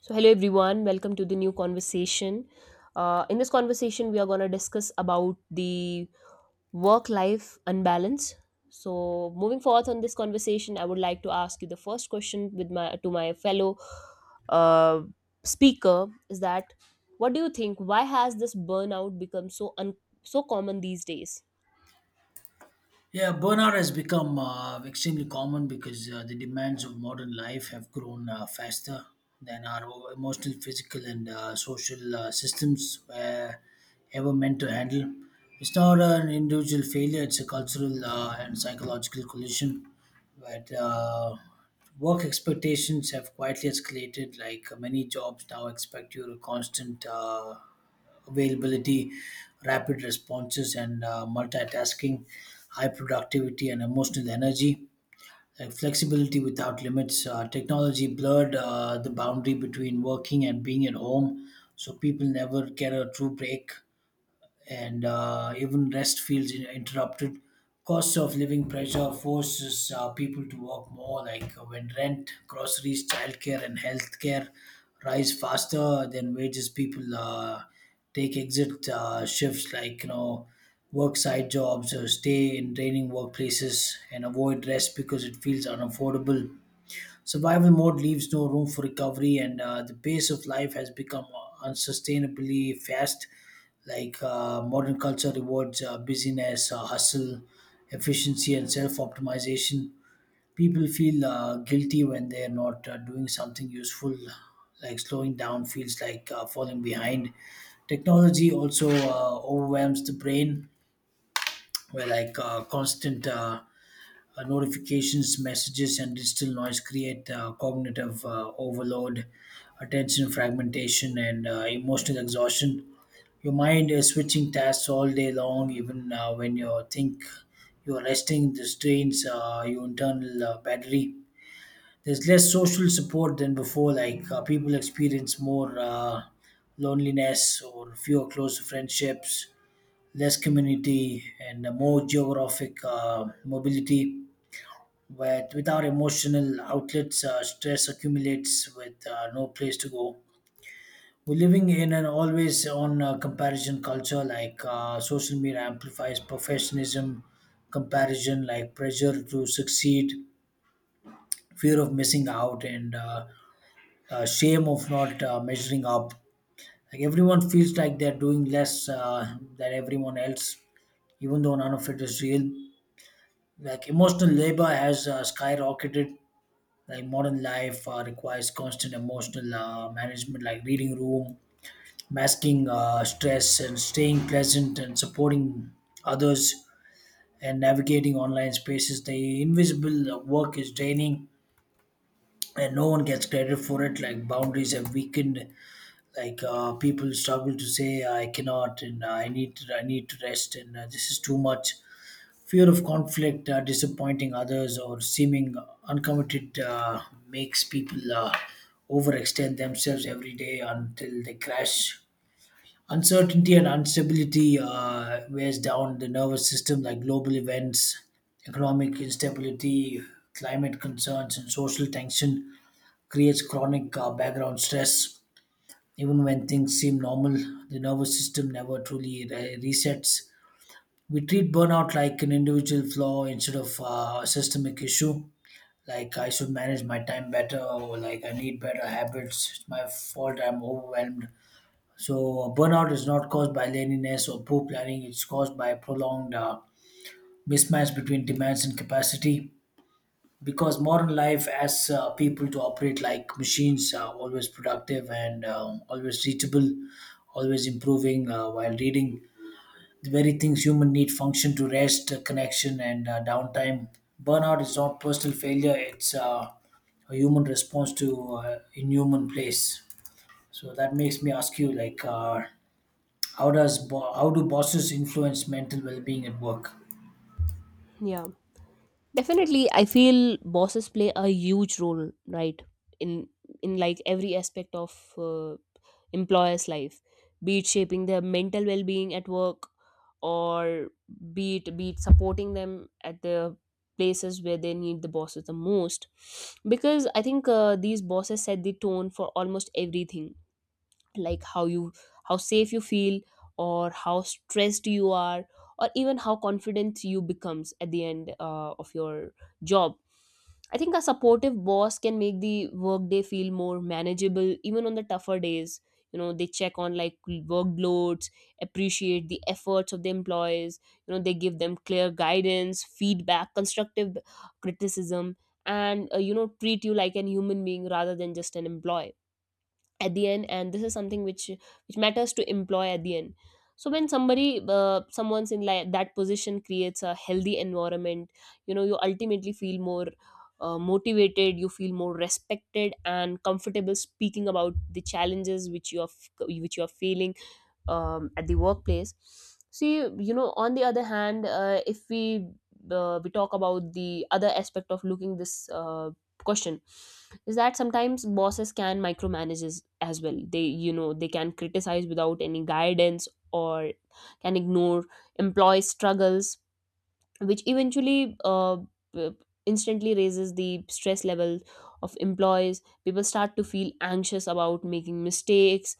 So, hello everyone, welcome to the new conversation. In this conversation, we are going to discuss about the work life unbalance. So, moving forth on this conversation, I would like to ask you the first question with my to my fellow uh, speaker is that what do you think? Why has this burnout become so common these days? Yeah, burnout has become extremely common because the demands of modern life have grown faster than emotional, physical, and social systems were ever meant to handle. It's not an individual failure, it's a cultural and psychological collision. But work expectations have quietly escalated, like many jobs now expect you to constant. Availability, rapid responses, and multitasking, high productivity, and emotional energy. Like flexibility without limits. Technology blurred the boundary between working and being at home, so people never get a true break and even rest feels interrupted. Cost of living pressure forces people to work more. Like when rent, groceries, childcare, and healthcare rise faster than wages, people take exit shifts like you know work side jobs or stay in draining workplaces and avoid rest because it feels unaffordable. Survival mode leaves no room for recovery, and the pace of life has become unsustainably fast. Like modern culture rewards busyness, hustle, efficiency, and self optimization. People feel guilty when they're not doing something useful, like slowing down feels like falling behind. Technology also overwhelms the brain, where like constant notifications, messages, and digital noise create cognitive overload, attention fragmentation, and emotional exhaustion. Your mind is switching tasks all day long, even when you think you're resting. This drains your internal battery. There's less social support than before. Like people experience more loneliness or fewer close friendships, less community, and more geographic mobility but without emotional outlets, stress accumulates with no place to go. We're living in an always on comparison culture, like social media amplifies professionalism, comparison, like pressure to succeed, fear of missing out, and shame of not measuring up. Like everyone feels like they're doing less than everyone else, even though none of it is real. Like emotional labor has skyrocketed, like modern life requires constant emotional management, like reading room, masking stress and staying pleasant and supporting others and navigating online spaces. The invisible work is draining and no one gets credit for it. Like boundaries have weakened, like people struggle to say I cannot and I need to, I need to rest and this is too much. Fear of conflict, disappointing others, or seeming uncommitted makes people overextend themselves every day until they crash. Uncertainty and instability wears down the nervous system, like global events, economic instability, climate concerns, and social tension creates chronic background stress. Even when things seem normal, the nervous system never truly resets. We treat burnout like an individual flaw instead of a systemic issue, like I should manage my time better, or like I need better habits, it's my fault I'm overwhelmed. So burnout is not caused by laziness or poor planning, it's caused by prolonged mismatch between demands and capacity, because modern life asks people to operate like machines, always productive and always reachable, always improving, while reading the very things human need function to rest, connection, and downtime. Burnout is not personal failure, it's a human response to inhuman place. So that makes me ask you, how do bosses influence mental well-being at work? Yeah. Definitely, I feel bosses play a huge role, right? In in like every aspect of employer's life, be it shaping their mental well-being at work, or be it supporting them at the places where they need the bosses the most. Because I think these bosses set the tone for almost everything, like how you, how safe you feel, or how stressed you are, or even how confident you becomes at the end of your job. I think a supportive boss can make the workday feel more manageable even on the tougher days. You know, they check on like workloads, appreciate the efforts of the employees, you know, they give them clear guidance, feedback, constructive criticism, and you know, treat you like an human being rather than just an employee at the end, and this is something which matters to employ at the end. So when somebody someone's in like that position, creates a healthy environment, you know, you ultimately feel more motivated, you feel more respected and comfortable speaking about the challenges which you which you are feeling at the workplace. See, you know, on the other hand, if we talk about the other aspect of looking this question is that sometimes bosses can micromanage as well. They, you know, they can criticize without any guidance, or can ignore employees' struggles, which b- instantly raises the stress level of employees. People start to feel anxious about making mistakes.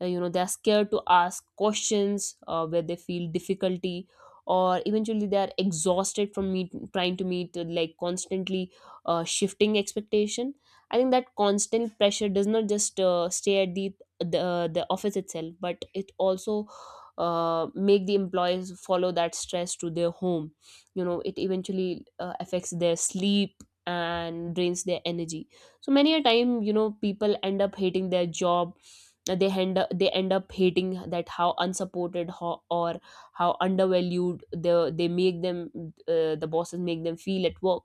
You know, they're scared to ask questions where they feel difficulty, or eventually they're exhausted from trying to meet like constantly shifting expectation. I think that constant pressure does not just stay at the the office itself, but it also uh, make the employees follow that stress to their home. You know, it eventually affects their sleep and drains their energy. So many a time, you know, people end up hating their job. They end up hating that how or how undervalued the they make them, the bosses make them feel at work.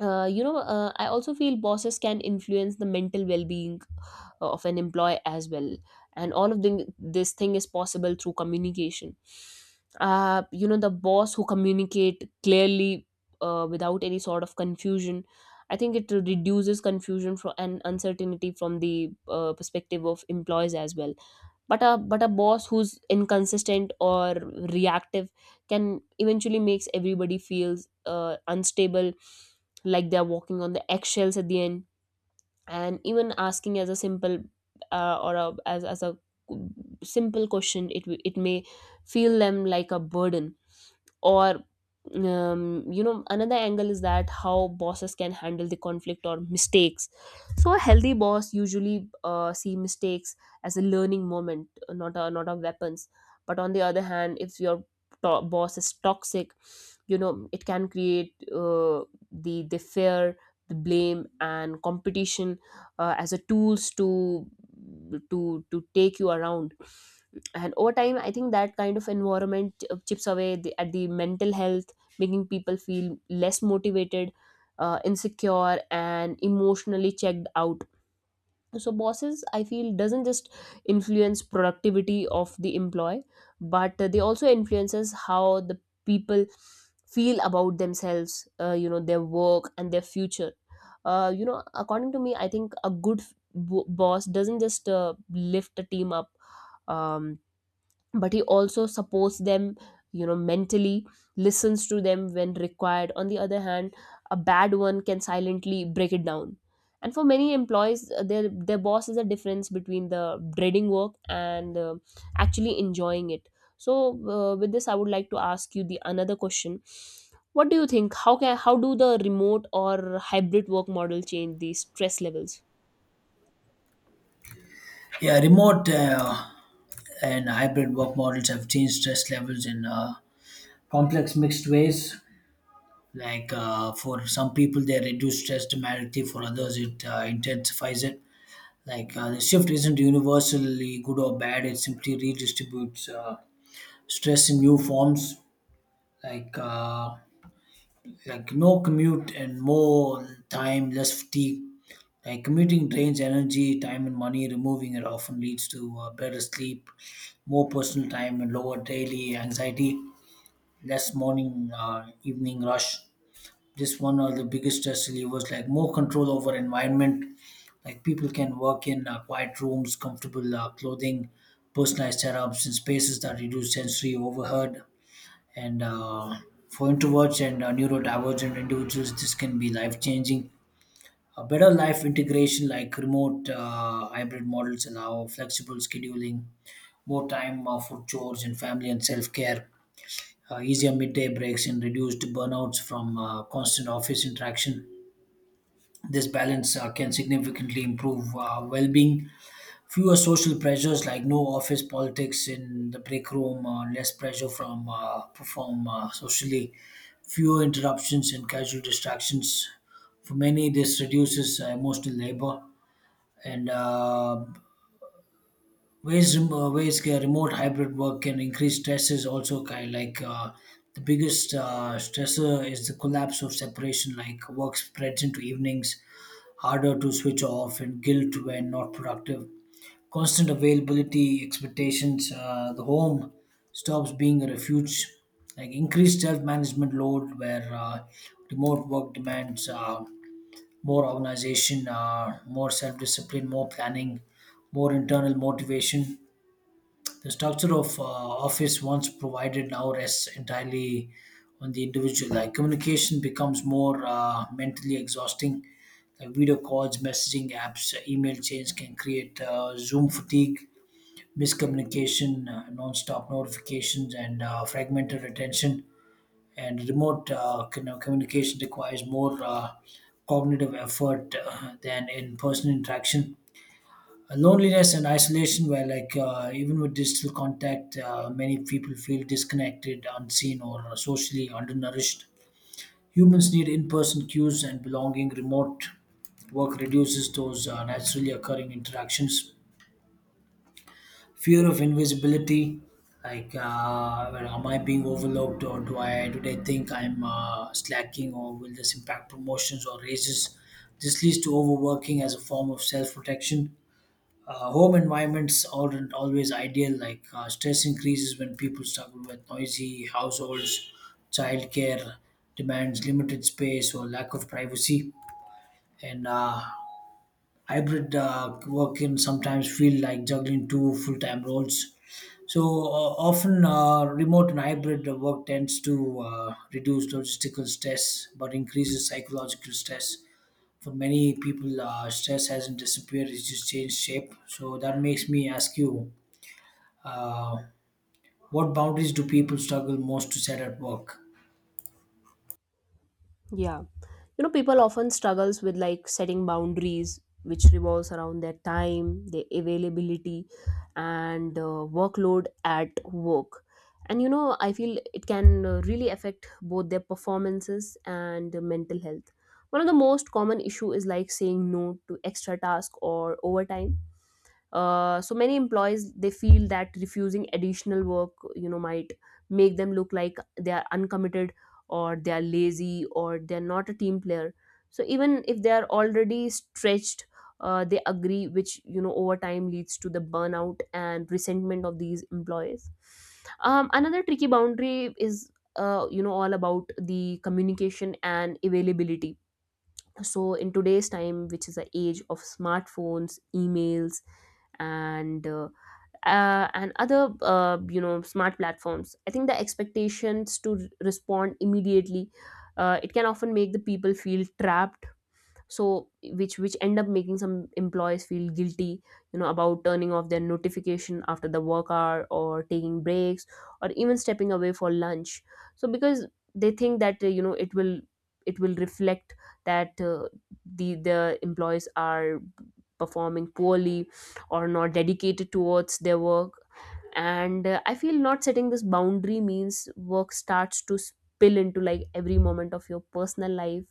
I also feel bosses can influence the mental well-being of an employee as well, and all of this thing is possible through communication. You know, the boss who communicate clearly without any sort of confusion, I think it reduces confusion from and uncertainty from the perspective of employees as well. But a boss who's inconsistent or reactive can eventually makes everybody feels unstable, like they're walking on the eggshells at the end. And even asking as a simple as a simple question, it may feel them like a burden. Or you know, another angle is that how bosses can handle the conflict or mistakes. So a healthy boss usually see mistakes as a learning moment, not a weapons. But on the other hand, if your boss is toxic, you know, it can create the fear, the blame and competition as a tools to to take you around. And over time, I think that kind of environment chips away at the mental health, making people feel less motivated, insecure and emotionally checked out. So bosses, I feel, doesn't just influence productivity of the employee, but they also influences how the people feel about themselves, you know, their work and their future. You know, according to me, I think a good boss doesn't just lift a team up, um, but he also supports them, you know, mentally, listens to them when required. On the other hand, a bad one can silently break it down. And for many employees, their boss is a difference between the dreading work and actually enjoying it. So with this, I would like to ask you the another question: what do you think, how do the remote or hybrid work model change the stress levels? Yeah, remote and hybrid work models have changed stress levels in complex mixed ways. Like for some people they reduce stress dramatically, for others it intensifies it. Like the shift isn't universally good or bad; it simply redistributes stress in new forms. Like like no commute and more time, less fatigue. Like commuting drains energy, time, and money. Removing it often leads to better sleep, more personal time, and lower daily anxiety. Less morning, evening rush. Just one of the biggest stress relievers, like more control over environment. Like people can work in quiet rooms, comfortable clothing, personalized setups, and spaces that reduce sensory overhead. And for introverts and neurodivergent individuals, this can be life changing. A better life integration, like remote hybrid models, allow flexible scheduling, more time for chores and family and self care, easier midday breaks, and reduced burnouts from constant office interaction. This balance can significantly improve well being. Fewer social pressures like no office politics in the break room, less pressure from perform socially, fewer interruptions and casual distractions. For many, this reduces emotional labor and remote hybrid work can increase stresses. Also kind like the biggest stressor is the collapse of separation, like work spreads into evenings, harder to switch off, and guilt when not productive. Constant availability expectations. The home stops being a refuge. Like increased self-management load, where remote work demands more organization, more self-discipline, more planning, more internal motivation. The structure of office once provided now rests entirely on the individual. Like communication becomes more mentally exhausting. Like video calls, messaging apps, email chains can create Zoom fatigue, miscommunication, non-stop notifications, and fragmented attention. And remote communication requires more cognitive effort than in-person interaction. Loneliness and isolation, where like even with digital contact, many people feel disconnected, unseen, or socially undernourished. Humans need in person cues and belonging. Remote work reduces those naturally occurring interactions. Fear of invisibility, like well, am I being overlooked, or do they think I'm slacking, or will this impact promotions or raises? This leads to overworking as a form of self protection. Home environments aren't always ideal. Like stress increases when people struggle with noisy households, childcare demands, limited space, or lack of privacy, and hybrid work can sometimes feel like juggling two full-time roles. So often, remote and hybrid work tends to reduce logistical stress, but increases psychological stress for many people. Stress hasn't disappeared, it's just changed shape. So that makes me ask you, uh, what boundaries do people struggle most to set at work? Yeah. You know, people often struggles with like setting boundaries, which revolves around their time, their availability, and workload at work. And you know, I feel it can really affect both their performances and mental health. One of the most common issue is like saying no to extra task or overtime. So many employees, they feel that refusing additional work, you know, might make them look like they are uncommitted, or they are lazy, or they are not a team player. So even if they are already stretched, they agree, which, you know, over time leads to the burnout and resentment of these employees. Another tricky boundary is you know, all about the communication and availability. So in today's time, which is the age of smartphones, emails, and and other, you know, smart platforms, I think the expectations to respond immediately, it can often make the people feel trapped. So which end up making some employees feel guilty, you know, about turning off their notification after the work hour, or taking breaks, or even stepping away for lunch. So because they think that you know, it will reflect that the employees are performing poorly or not dedicated towards their work. And I feel not setting this boundary means work starts to spill into like every moment of your personal life.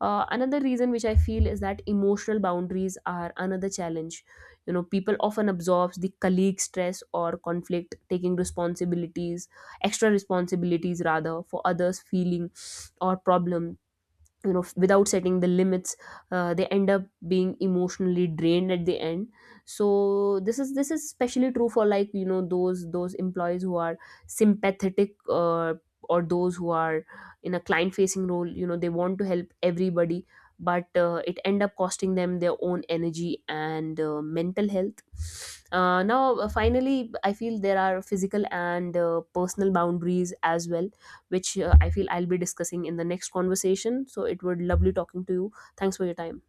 Another reason which I feel is that emotional boundaries are another challenge. You know, people often absorb the colleague stress or conflict, taking responsibilities, extra responsibilities rather, for others' feeling or problems, you know, without setting the limits, they end up being emotionally drained at the end. So this is especially true for like, you know, those employees who are sympathetic, or those who are in a client facing role. You know, they want to help everybody, but it end up costing them their own energy and mental health. Now finally, I feel there are physical and personal boundaries as well, which, I feel, I'll be discussing in the next conversation. So it would lovely talking to you. Thanks for your time.